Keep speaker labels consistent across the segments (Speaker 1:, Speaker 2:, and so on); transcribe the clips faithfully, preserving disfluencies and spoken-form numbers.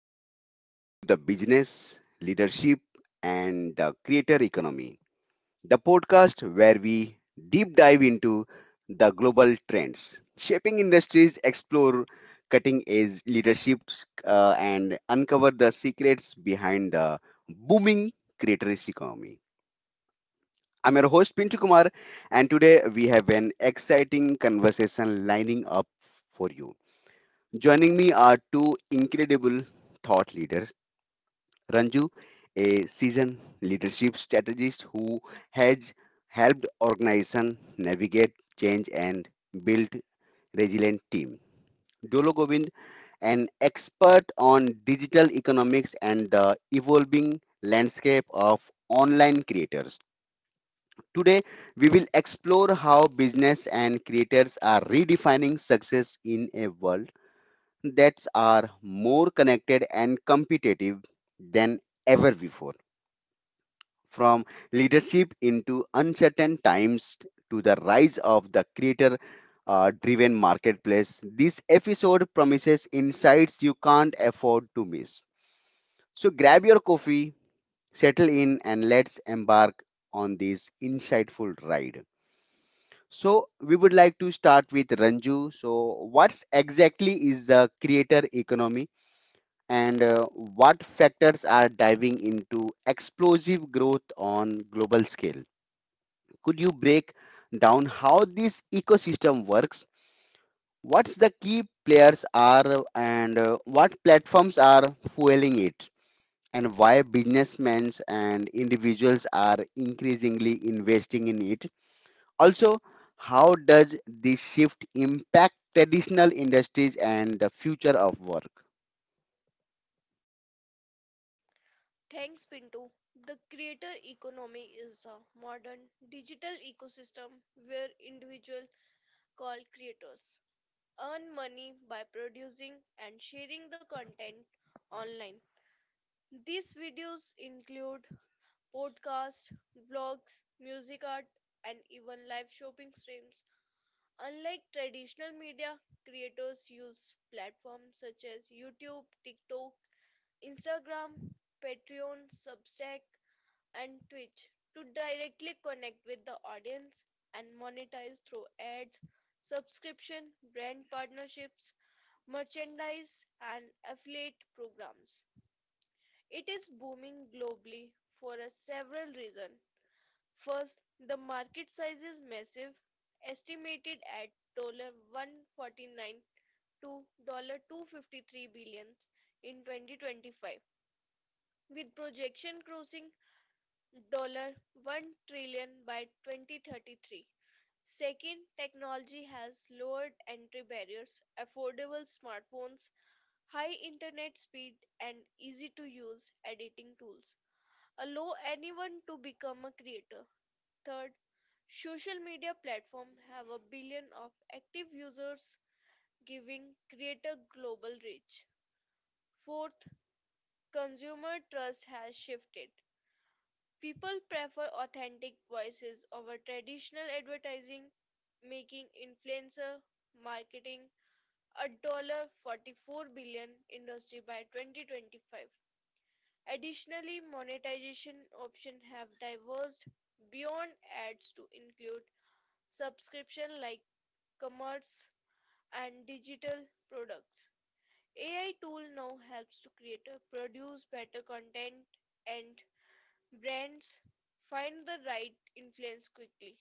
Speaker 1: Hello and welcome to the Business, Leadership and the Creator Economy, the podcast where we deep dive into the global trends shaping industries, explore cutting edge leaderships, uh, and uncover the secrets behind the booming creator economy. I'm your host Pinchu Kumar, and today we have an exciting conversation lining up for you. Joining me are two incredible thought leaders Ranju, a seasoned leadership strategist who has helped organizations navigate change and build resilient team. Dolo Govind, an expert on digital economics and the evolving landscape of online creators. Today, we will explore how business and creators are redefining success in a world that are more connected and competitive than ever before. From leadership into uncertain times to the rise of the creator uh, driven marketplace. This episode promises insights you can't afford to miss. So grab your coffee, settle in, and let's embark on this insightful ride. So we would like to start with Ranju. So what's exactly is the creator economy and uh, what factors are driving into explosive growth on global scale? Could you break down how this ecosystem works? What's the key players are and uh, what platforms are fueling it? And why businessmen and individuals are increasingly investing in it? Also, how does this shift impact traditional industries and the future of work?
Speaker 2: Thanks, Pinto. The creator economy is a modern digital ecosystem where individuals called creators earn money by producing and sharing the content online. These videos include podcasts, vlogs, music art, and even live shopping streams. Unlike traditional media, creators use platforms such as YouTube, TikTok, Instagram, Patreon, Substack, and Twitch to directly connect with the audience and monetize through ads, subscription, brand partnerships, merchandise, and affiliate programs. It is booming globally for a several reasons. First, the market size is massive, estimated at one hundred forty-nine dollars to two hundred fifty-three billion dollars in twenty twenty-five, with projection crossing one trillion by twenty thirty-three. Second, technology has lowered entry barriers. Affordable smartphones, high internet speed, and easy to use editing tools allow anyone to become a creator. Third, social media platforms have a billion of active users, giving creator global reach. Fourth, consumer trust has shifted. People prefer authentic voices over traditional advertising, making influencer marketing a forty-four billion dollars industry by twenty twenty-five. Additionally, monetization options have diverged beyond ads to include subscription like commerce and digital products. A I tool now helps to create or produce better content and Brands find the right influence quickly.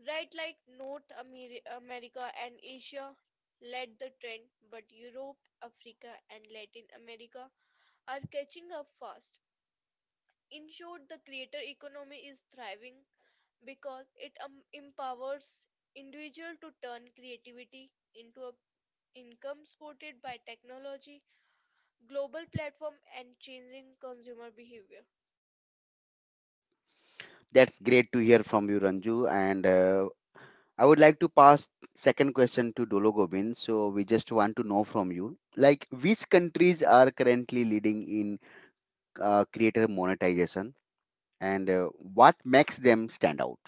Speaker 2: Right like North Ameri- America and Asia led the trend, but Europe, Africa, and Latin America are catching up fast. In short, the creator economy is thriving because it um, empowers individuals to turn creativity into a income supported by technology, global platform, and changing consumer behavior.
Speaker 1: That's great to hear from you, Ranju. And uh, I would like to pass second question to Dolo Gobind. So we just want to know from you, like which countries are currently leading in uh, creator monetization, and uh, what makes them stand out?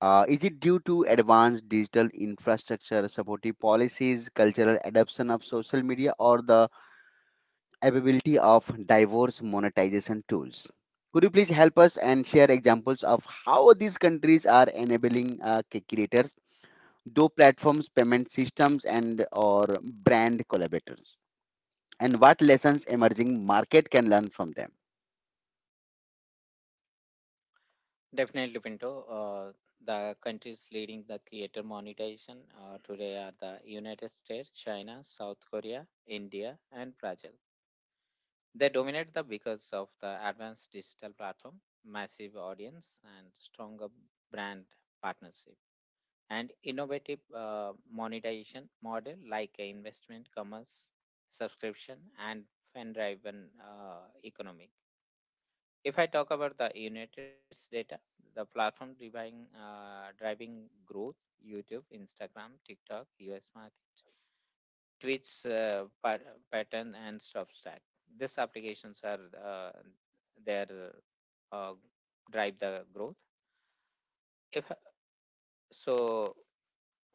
Speaker 1: Uh, is it due to advanced digital infrastructure, supportive policies, cultural adoption of social media, or the availability of diverse monetization tools? Could you please help us and share examples of how these countries are enabling uh, creators do platforms payment systems and or brand collaborators and what lessons emerging market can learn from them?
Speaker 3: Definitely, Pinto. Uh, the countries leading the creator monetization uh, today are the United States, China, South Korea, India, and Brazil. They dominate the because of the advanced digital platform, massive audience, and stronger brand partnership, and innovative uh, monetization model like a investment, commerce, subscription, and fan-driven uh, economic. If I talk about the United States data, the platform driving uh, driving growth, YouTube, Instagram, TikTok, U S market, its uh, pat- pattern and Substack. These applications are uh, their uh, drive the growth. So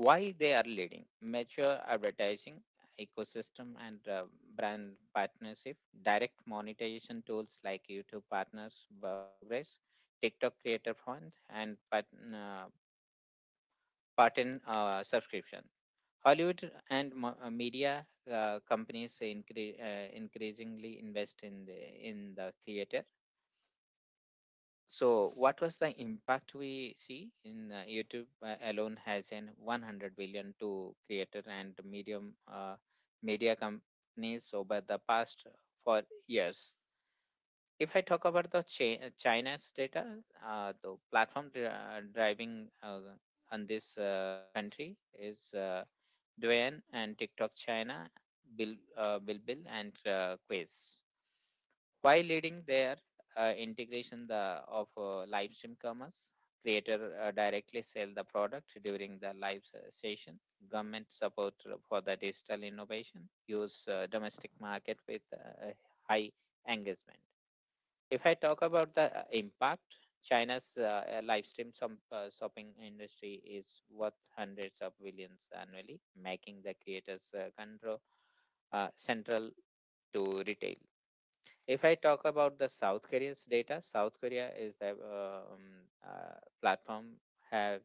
Speaker 3: why they are leading? Mature advertising ecosystem and uh, and partnership, direct monetization tools like YouTube partners, uh, Progress, TikTok Creator Fund, and partner pattern uh, subscription. Hollywood and mo- uh, media uh, companies incre- uh, increasingly invest in the in the creator. So, what was the impact we see in uh, YouTube uh, alone has in 100 billion to creator and medium uh, media companies over the past four years. If I talk about the chi- uh, China's data, uh, the platform dri- uh, driving uh, on this uh, country is uh, Duan and TikTok China, Bill, uh, Bilbil and uh, Quiz. While leading their uh, integration the, of uh, live stream commerce, creator uh, directly sell the product during the live s- session. Government support for the digital innovation use uh, domestic market with uh, high engagement. If I talk about the uh, impact, China's uh, uh, live stream som- uh, shopping industry is worth hundreds of billions annually, making the creators uh, control uh, central to retail. If I talk about the South Korea's data, South Korea is the um, uh, platform have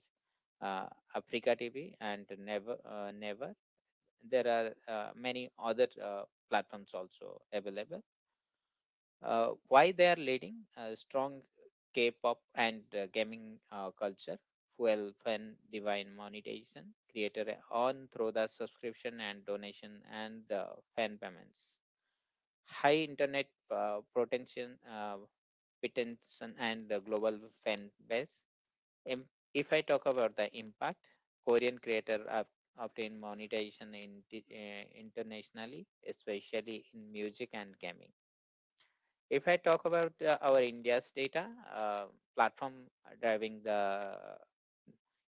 Speaker 3: uh, Africa T V and Never uh, Never. There are uh, many other uh, platforms also available. Uh, why they are leading a strong K-pop and uh, gaming uh, culture, fuel fan divine monetization, creator on through the subscription and donation and uh, fan payments, high internet uh, protection, uh, retention and uh, global fan base. If I talk about the impact, Korean creator ob- obtain monetization in, uh, internationally, especially in music and gaming. If I talk about uh, our India's data, uh, platform having the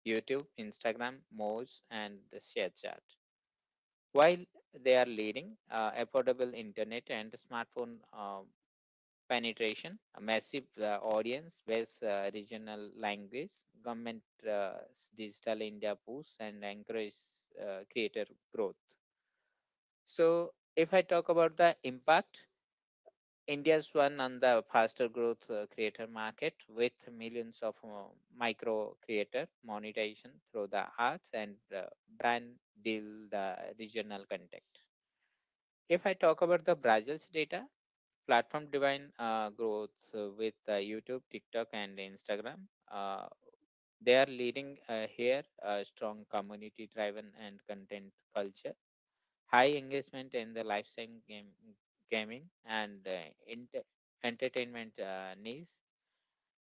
Speaker 3: YouTube, Instagram, Moz, and the ShareChat. While they are leading uh, affordable internet and smartphone uh, penetration, a massive uh, audience, various uh, regional language, government uh, digital India push and encourage uh, creator growth. So if I talk about the impact, India's one on the faster growth uh, creator market with millions of uh, micro creator monetization through the arts and uh, brand deal the regional context. If I talk about the Brazil's data, platform divine uh, growth uh, with uh, YouTube, TikTok, and Instagram. Uh, they are leading uh, here a strong community driven and content culture high engagement in the lifestyle game, gaming and uh, ent- entertainment uh, needs.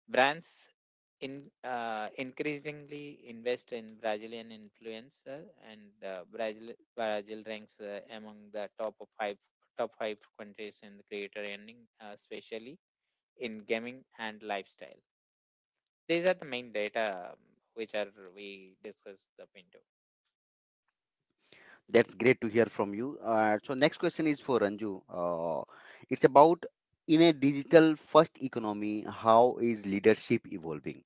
Speaker 3: Brands in uh, increasingly invest in Brazilian influencer, and uh, Brazil Brazil ranks uh, among the top of five top five countries in the creator earning, uh, especially in gaming and lifestyle. These are the main data um, which are we discussed the Pinto.
Speaker 1: That's great to hear from you. Uh, so next question is for Ranju. Uh, it's about in a digital first economy how is leadership evolving.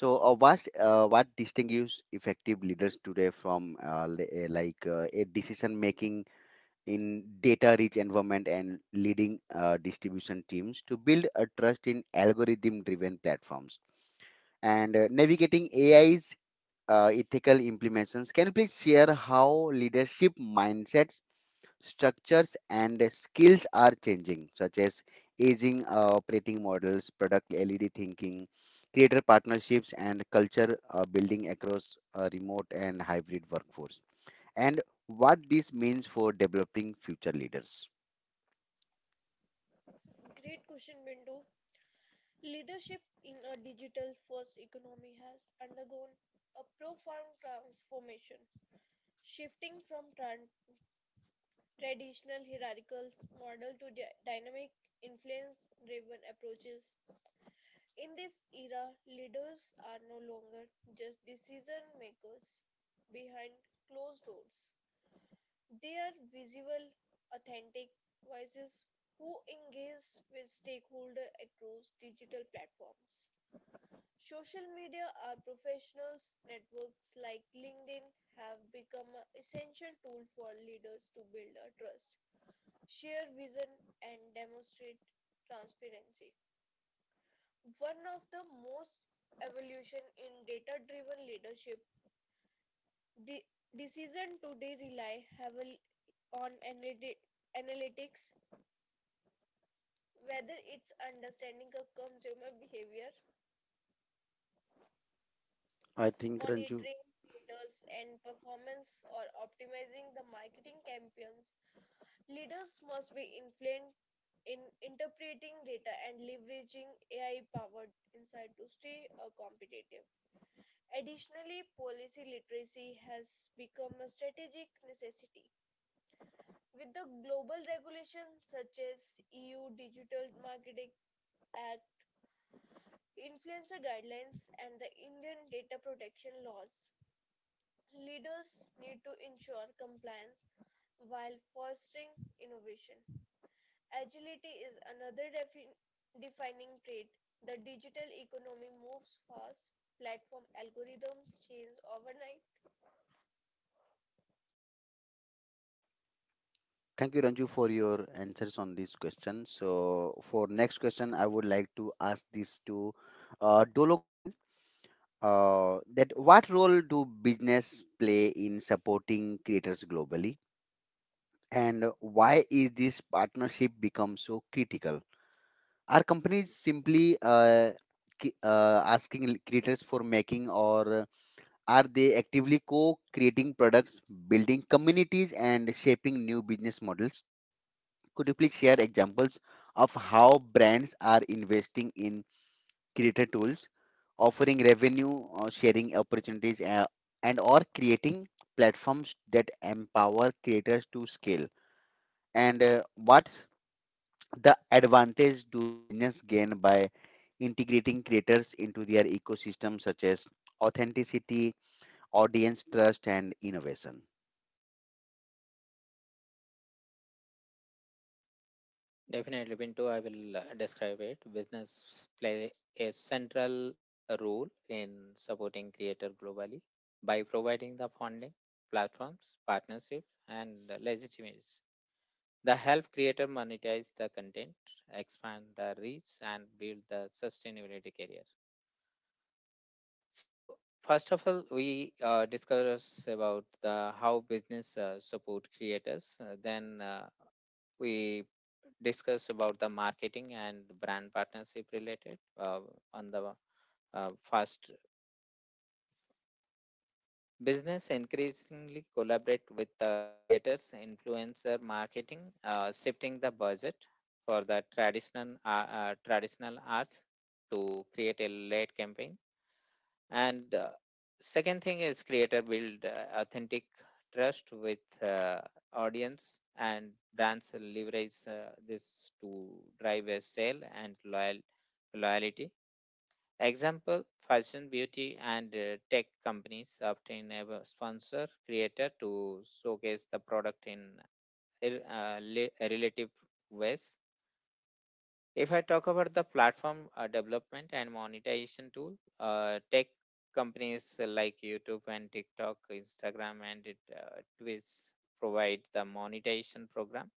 Speaker 1: So uh, what uh, what distinguishes effective leaders today from uh, li- uh, like uh, a decision making in data-rich environment and leading uh, distribution teams to build a trust in algorithm-driven platforms. And uh, navigating A I's uh, ethical implementations, can you please share how leadership mindsets, structures, and skills are changing, such as aging uh, operating models, product L E D thinking, creator partnerships, and culture uh, building across uh, remote and hybrid workforce? And what this means for developing future leaders.
Speaker 2: Great question, Bindu. Leadership in a digital first economy has undergone a profound transformation, shifting from tran- traditional hierarchical model to dy- dynamic influence driven approaches. In this era, leaders are no longer just decision makers behind closed doors. They are visible, authentic voices who engage with stakeholders across digital platforms. Social media or professionals networks like LinkedIn have become an essential tool for leaders to build a trust, share vision and demonstrate transparency. One of the most evolution in data-driven leadership, the decision today rely heavily on analytics, whether it's understanding a consumer behavior
Speaker 1: I think Ranju,
Speaker 2: monitoring leaders and performance or optimizing the marketing campaigns. Leaders must be influent in interpreting data and leveraging A I powered insight to stay uh, competitive. Additionally, policy literacy has become a strategic necessity. With the global regulations such as E U Digital Marketing Act, influencer guidelines, and the Indian data protection laws, leaders need to ensure compliance while fostering innovation. Agility is another defin- defining trait. The digital economy moves fast, platform algorithms change overnight.
Speaker 1: thank you Ranju for your answers on this question. So for next question, I would like to ask this to uh, Dolo Gobind, uh, that what role do business play in supporting creators globally, and why is this partnership become so critical? Are companies simply uh, ki- uh, asking l- creators for making, or are they actively co-creating products, building communities, and shaping new business models? Could please share examples of how brands are investing in killer tools, offering revenue uh, sharing opportunities, uh, and or creating platforms that empower creators to scale. And uh, what's the advantage do business gain by integrating creators into their ecosystem, such as authenticity, audience trust, and innovation?
Speaker 3: Definitely, Pinto, I will uh, describe it. Business play a central role in supporting creators globally by providing the funding, platforms, partnerships, and the legitimacy. The help creator monetize the content, expand the reach, and build the sustainability career. So, first of all, we uh, discuss about the how business uh, support creators. Uh, then. Uh, we discussed about the marketing and brand partnership related uh, on the uh, first business increasingly collaborate with the creators influencer marketing uh, shifting the budget for the traditional uh, uh, traditional arts to create a late campaign and uh, second thing is creator build uh, authentic trust with uh, audience and brands leverage uh, this to drive a sale and loyal loyalty example fashion beauty and uh, tech companies often have a sponsor creator to showcase the product in uh, le- relative ways. If I talk about the platform uh, development and monetization tool, uh, tech companies like YouTube and TikTok, Instagram, and it, uh, Twitch provide the monetization program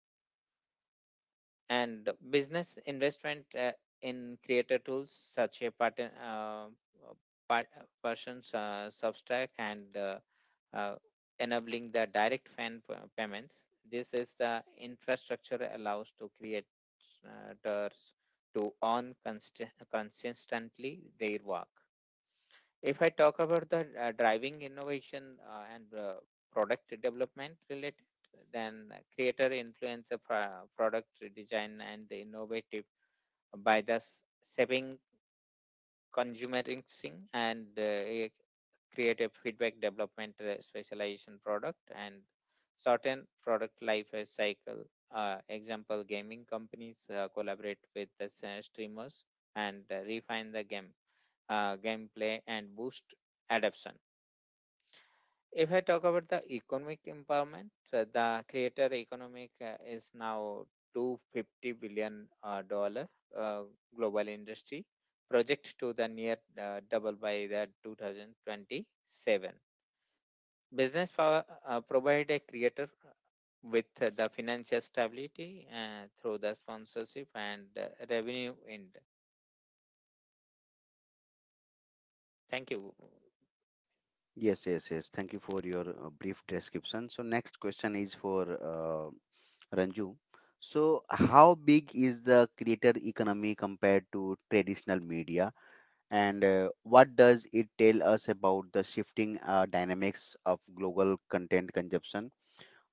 Speaker 3: and business investment uh, in creator tools such a pattern uh, uh, part, uh, person's uh, substack and uh, uh, enabling the direct fan p- payments. This is the infrastructure allows to creators to earn const- consistently their work. If I talk about the uh, driving innovation uh, and uh, product development related, then creator influencer pro- product design and innovative by thus saving consumer instinct and uh, a creative feedback development uh, specialization product and certain product life cycle. Uh, example, gaming companies uh, collaborate with the s- streamers and uh, refine the game uh, gameplay and boost adoption. If I talk about the economic empowerment, uh, the creator economic uh, is now two hundred fifty billion uh, dollar uh, global industry project to the near uh, double by the two thousand twenty-seven. Business power uh, provide a creator with uh, the financial stability uh, through the sponsorship and uh, revenue end. Thank you.
Speaker 1: Yes, yes, yes. Thank you for your uh, brief description. So next question is for uh, Ranju. So, how big is the creator economy compared to traditional media, and uh, what does it tell us about the shifting uh, dynamics of global content consumption?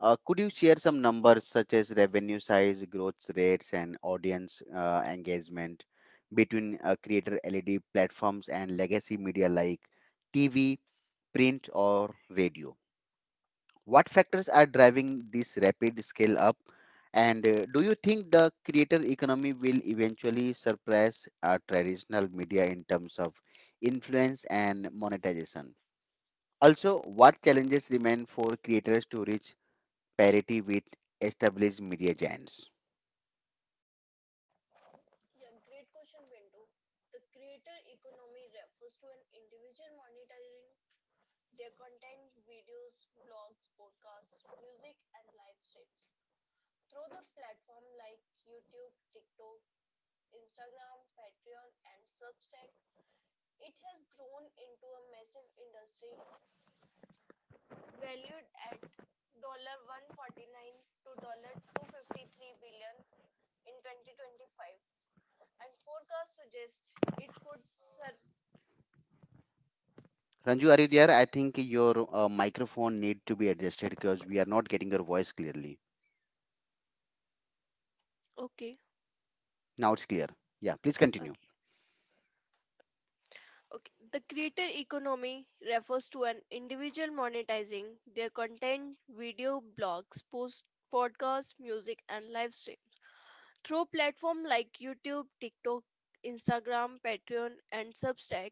Speaker 1: Uh, could you share some numbers such as revenue size, growth rates, and audience uh, engagement between uh, creator L E D platforms and legacy media like T V, print, or radio? What factors are driving this rapid scale up? And uh, do you think the creator economy will eventually surpass our traditional media in terms of influence and monetization? Also, what challenges remain for creators to reach parity with established media giants?
Speaker 2: Yeah, great question, Bintu. The creator economy refers to an individual monetizing their content, videos, blogs, podcasts, music, and live streams through the platform like YouTube, TikTok, Instagram, Patreon, and Substack, it has grown into a massive industry valued at one hundred forty-nine dollars to $253 billion dollars in twenty twenty-five, and forecast suggests it could sur-
Speaker 1: Ranju, are you there? I think your uh, microphone need to be adjusted because we are not getting your voice clearly.
Speaker 2: Okay,
Speaker 1: Now it's clear. Yeah, please continue.
Speaker 2: okay, okay. The creator economy refers to an individual monetizing their content, video, blogs, posts, podcasts, music, and live stream. Through platforms like YouTube, TikTok, Instagram, Patreon, and Substack,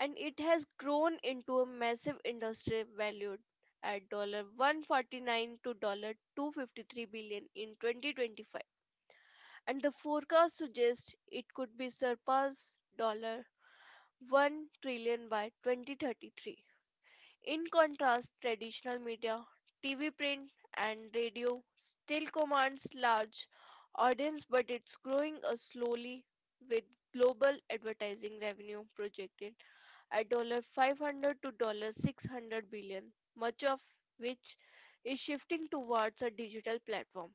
Speaker 2: and it has grown into a massive industry valued at one hundred forty-nine to dollar two hundred fifty-three dollars in twenty twenty-five. And the forecast suggests it could be surpass one trillion by twenty thirty-three. In contrast, traditional media, T V, print, and radio still commands large audience, but it's growing uh, slowly with global advertising revenue projected at five hundred dollars to six hundred billion dollars, much of which is shifting towards a digital platform.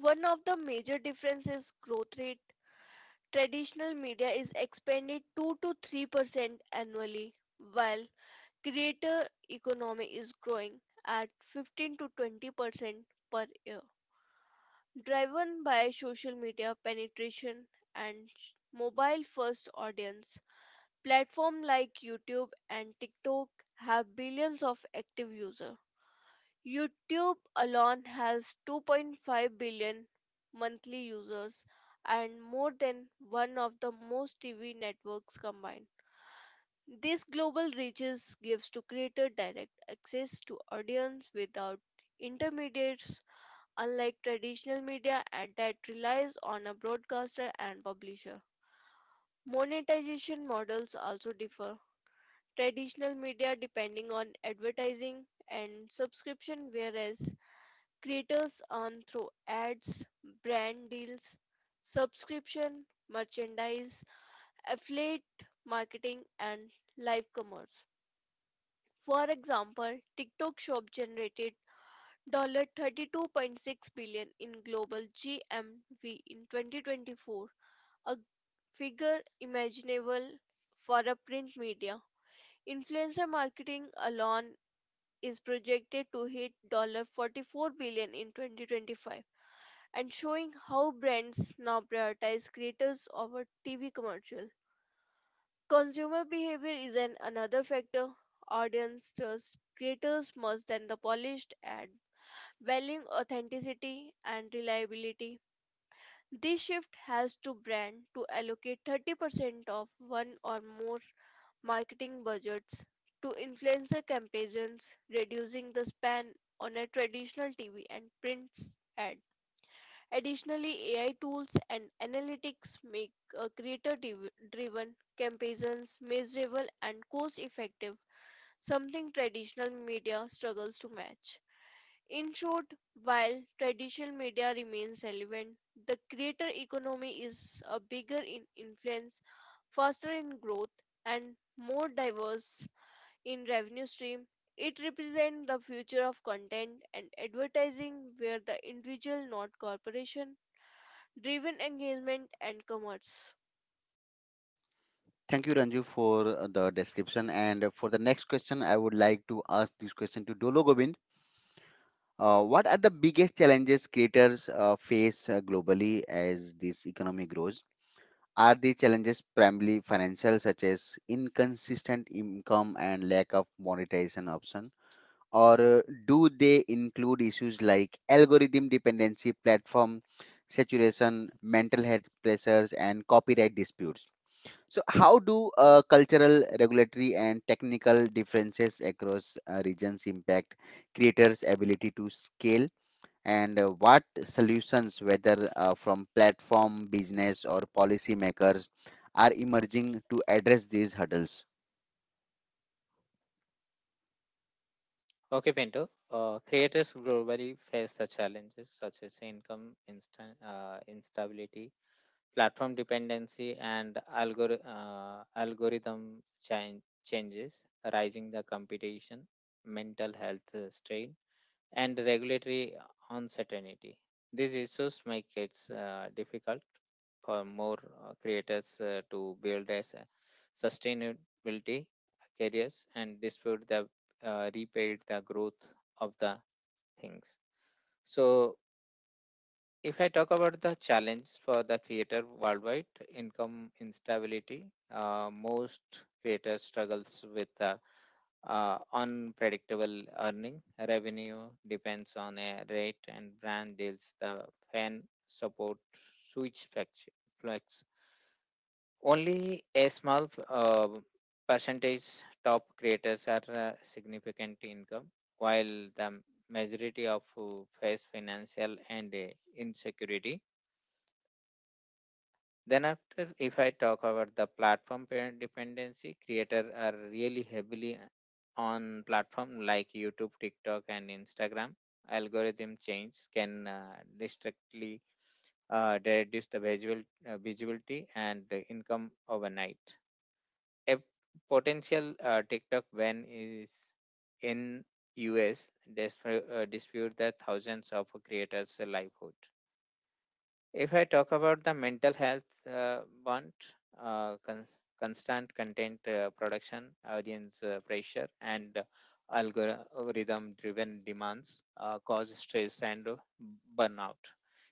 Speaker 2: One of the major differences growth rate traditional media is expanded two to three percent annually, while creator economy is growing at fifteen to twenty percent per year, driven by social media penetration and mobile first audience. Platforms like YouTube and TikTok have billions of active users. YouTube alone has two point five billion monthly users and more than one of the most T V networks combined. This global reaches gives to creator direct access to audience without intermediates, unlike traditional media and that relies on a broadcaster and publisher. Monetization models also differ. Traditional media depending on advertising and subscription whereas creators earn through ads, brand deals, subscription, merchandise, affiliate marketing and live commerce. For example, TikTok Shop generated thirty-two point six billion dollars in global G M V in twenty twenty-four, a figure imaginable for a print media. Influencer marketing alone is projected to hit dollar forty-four billion dollars in twenty twenty-five and showing how brands now prioritize creators over T V commercials. Consumer behavior is an another factor. Audience trust creators more than the polished ad, valuing authenticity and reliability. This shift has to brand to allocate thirty percent of one or more marketing budgets to influencer campaigns, reducing the span on a traditional T V and print ad. Additionally, A I tools and analytics make uh, creator-driven campaigns measurable and cost-effective, something traditional media struggles to match. In short, while traditional media remains relevant, the creator economy is uh, bigger in influence, faster in growth, and more diverse in revenue stream. It represents the future of content and advertising where the individual, not corporation, driven engagement and commerce.
Speaker 1: Thank you, Ranju, for uh, the description. And uh, for the next question, I would like to ask this question to Dolo Govind. Uh, what are the biggest challenges creators uh, face uh, globally as this economy grows? Are the challenges primarily financial, such as inconsistent income and lack of monetization option? Or uh, do they include issues like algorithm dependency, platform saturation, mental health pressures, and copyright disputes? So, how do uh, cultural, regulatory, and technical differences across uh, regions impact creators' ability to scale? And uh, what solutions, whether uh, from platform, business, or policymakers, are emerging to address these hurdles?
Speaker 3: Okay, Pinto. Uh, creators globally face the challenges such as income instan- uh, instability, platform dependency and algor- uh, algorithm chan- changes, rising the competition, mental health uh, strain, and regulatory uncertainty. These issues make it uh, difficult for more uh, creators uh, to build a s- sustainability careers and dispute the uh, repaid the growth of the things. So if I talk about the challenge for the creator worldwide, income instability, uh, most creators struggles with the uh, unpredictable earning. Revenue depends on a rate and brand deals, the fan support, switch flex, flex. Only a small uh, percentage top creators are uh, significant income, while the majority of who face financial and uh, insecurity. Then after, if I talk about the platform parent dependency, creator are really heavily uh, on platform like YouTube, TikTok, and Instagram. Algorithm change can uh, distinctly uh, reduce the visual uh, visibility and the income overnight. A potential uh, TikTok ban is in U S dis- uh, dispute the thousands of creators' livelihood. If I talk about the mental health uh, bond, uh, con- constant content uh, production, audience uh, pressure, and algorithm-driven demands uh, cause stress and burnout.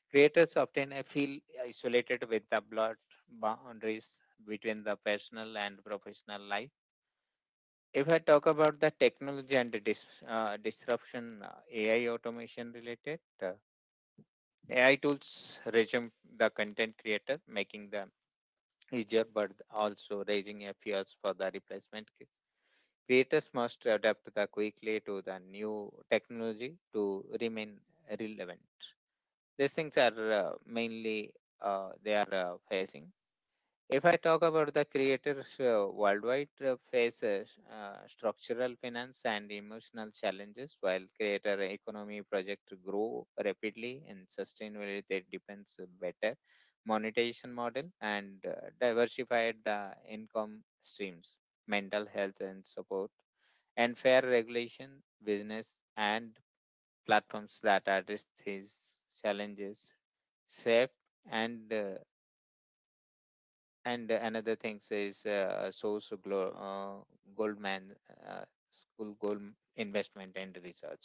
Speaker 3: Creators often uh, feel isolated with the blurred boundaries between the personal and professional life. If I talk about the technology and the dis, uh, disruption, uh, A I automation related, uh, A I tools resume the content creator, making them easier but also raising a fears for the replacement. Creators must adapt the quickly to the new technology to remain relevant. These things are uh, mainly uh, they are uh, facing. If I talk about the creators uh, worldwide uh, faces uh, s- uh, structural finance and emotional challenges while creator economy project grow rapidly and sustainably they depends on better monetization model and uh, diversified the income streams mental health and support and fair regulation business and platforms that address these challenges safe and uh, and another thing is uh, source of glo- uh, goldman uh, school gold investment and research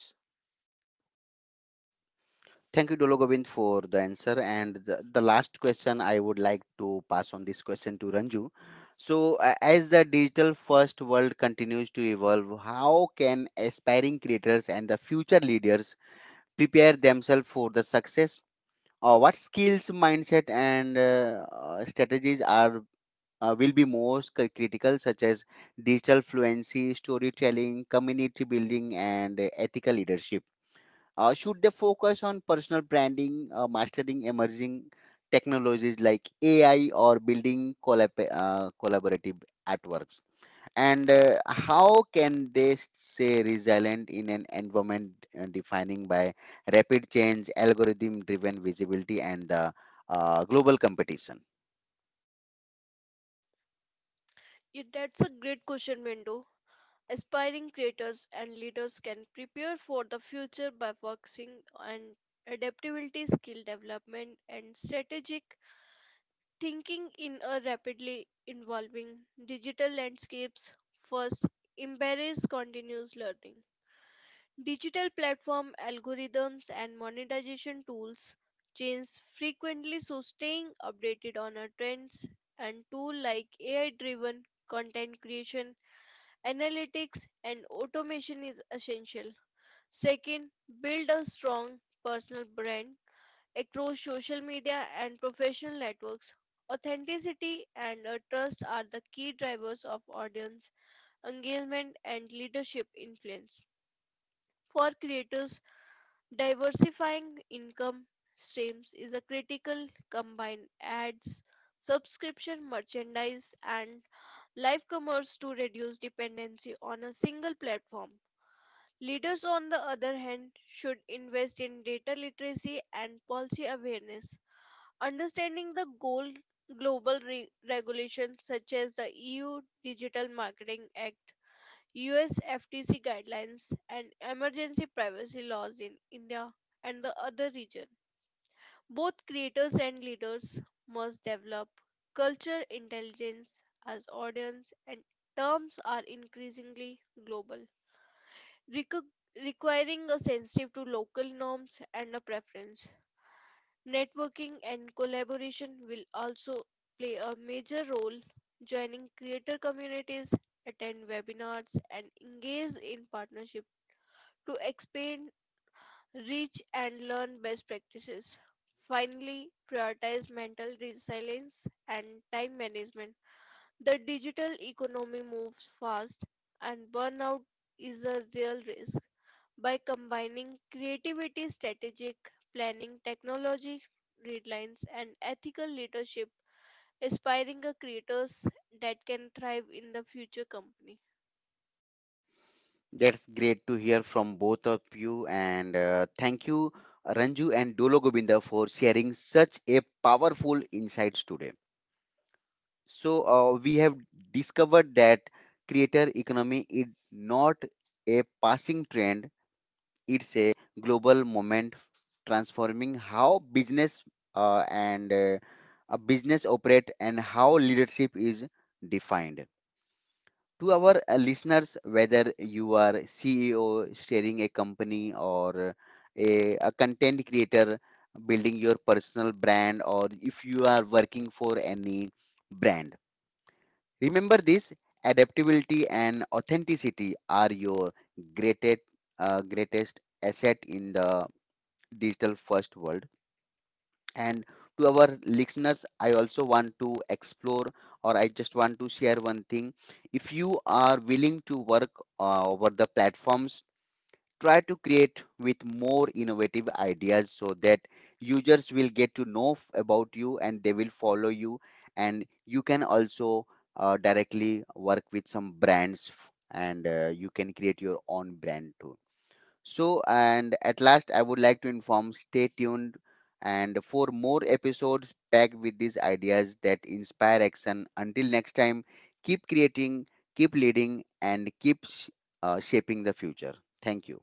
Speaker 1: Thank you, Dolo Govind, for the answer. And the, the last question I would like to pass on this question to Ranju. So, a- as the digital first world continues to evolve, how can aspiring creators and the future leaders prepare themselves for the success? Or what skills, mindset, and uh, uh, strategies are uh, will be most cri- critical, such as digital fluency, storytelling, community building, and uh, ethical leadership? Uh, should they focus on personal branding, uh, mastering emerging technologies like A I, or building collab- uh, collaborative artworks? And uh, how can they stay resilient in an environment uh, defining by rapid change, algorithm-driven visibility, and uh, uh, global competition?
Speaker 2: It, that's a great question, Window. Aspiring creators and leaders can prepare for the future by focusing on adaptability, skill development, and strategic thinking in a rapidly evolving digital landscapes. First, embrace continuous learning. Digital platform algorithms and monetization tools change frequently, so staying updated on our trends and tools like A I driven content creation, analytics, and automation is essential. Second, build a strong personal brand across social media and professional networks. Authenticity and uh, trust are the key drivers of audience engagement and leadership influence. For creators, diversifying income streams is a critical combine ads, subscription merchandise and live commerce to reduce dependency on a single platform. Leaders on the other hand should invest in data literacy and policy awareness, understanding the goal global re- regulations such as the E U Digital Marketing Act U S F T C guidelines and emergency privacy laws in India and the other region. Both creators and leaders must develop culture intelligence as audience and terms are increasingly global, reco- requiring a sensitive to local norms and a preference. Networking and collaboration will also play a major role joining creator communities attend webinars and engage in partnership to expand, reach, and learn best practices. Finally, prioritize mental resilience and time management. The digital economy moves fast, and burnout is a real risk. By combining creativity, strategic planning, technology, deadlines, and ethical leadership, aspiring a creators that can thrive in the future company.
Speaker 1: That's great to hear from both of you, and uh, thank you, Ranju and Dolo Govinda, for sharing such a powerful insights today. So uh, we have discovered that creator economy is not a passing trend; it's a global moment transforming how business uh, and uh, a business operate and how leadership is defined. To our listeners, whether you are C E O steering a company or a, a content creator building your personal brand, or if you are working for any brand, remember this: adaptability and authenticity are your greatest, uh, greatest asset in the digital first world. And to our listeners, I also want to explore or I just want to share one thing. If you are willing to work uh, over the platforms, try to create with more innovative ideas so that users will get to know f- about you and they will follow you. And you can also uh, directly work with some brands f- and uh, you can create your own brand too. So, and at last, I would like to inform stay tuned and for more episodes packed with these ideas that inspire action. Until next time, keep creating, keep leading, and keep sh- uh, shaping the future. Thank you.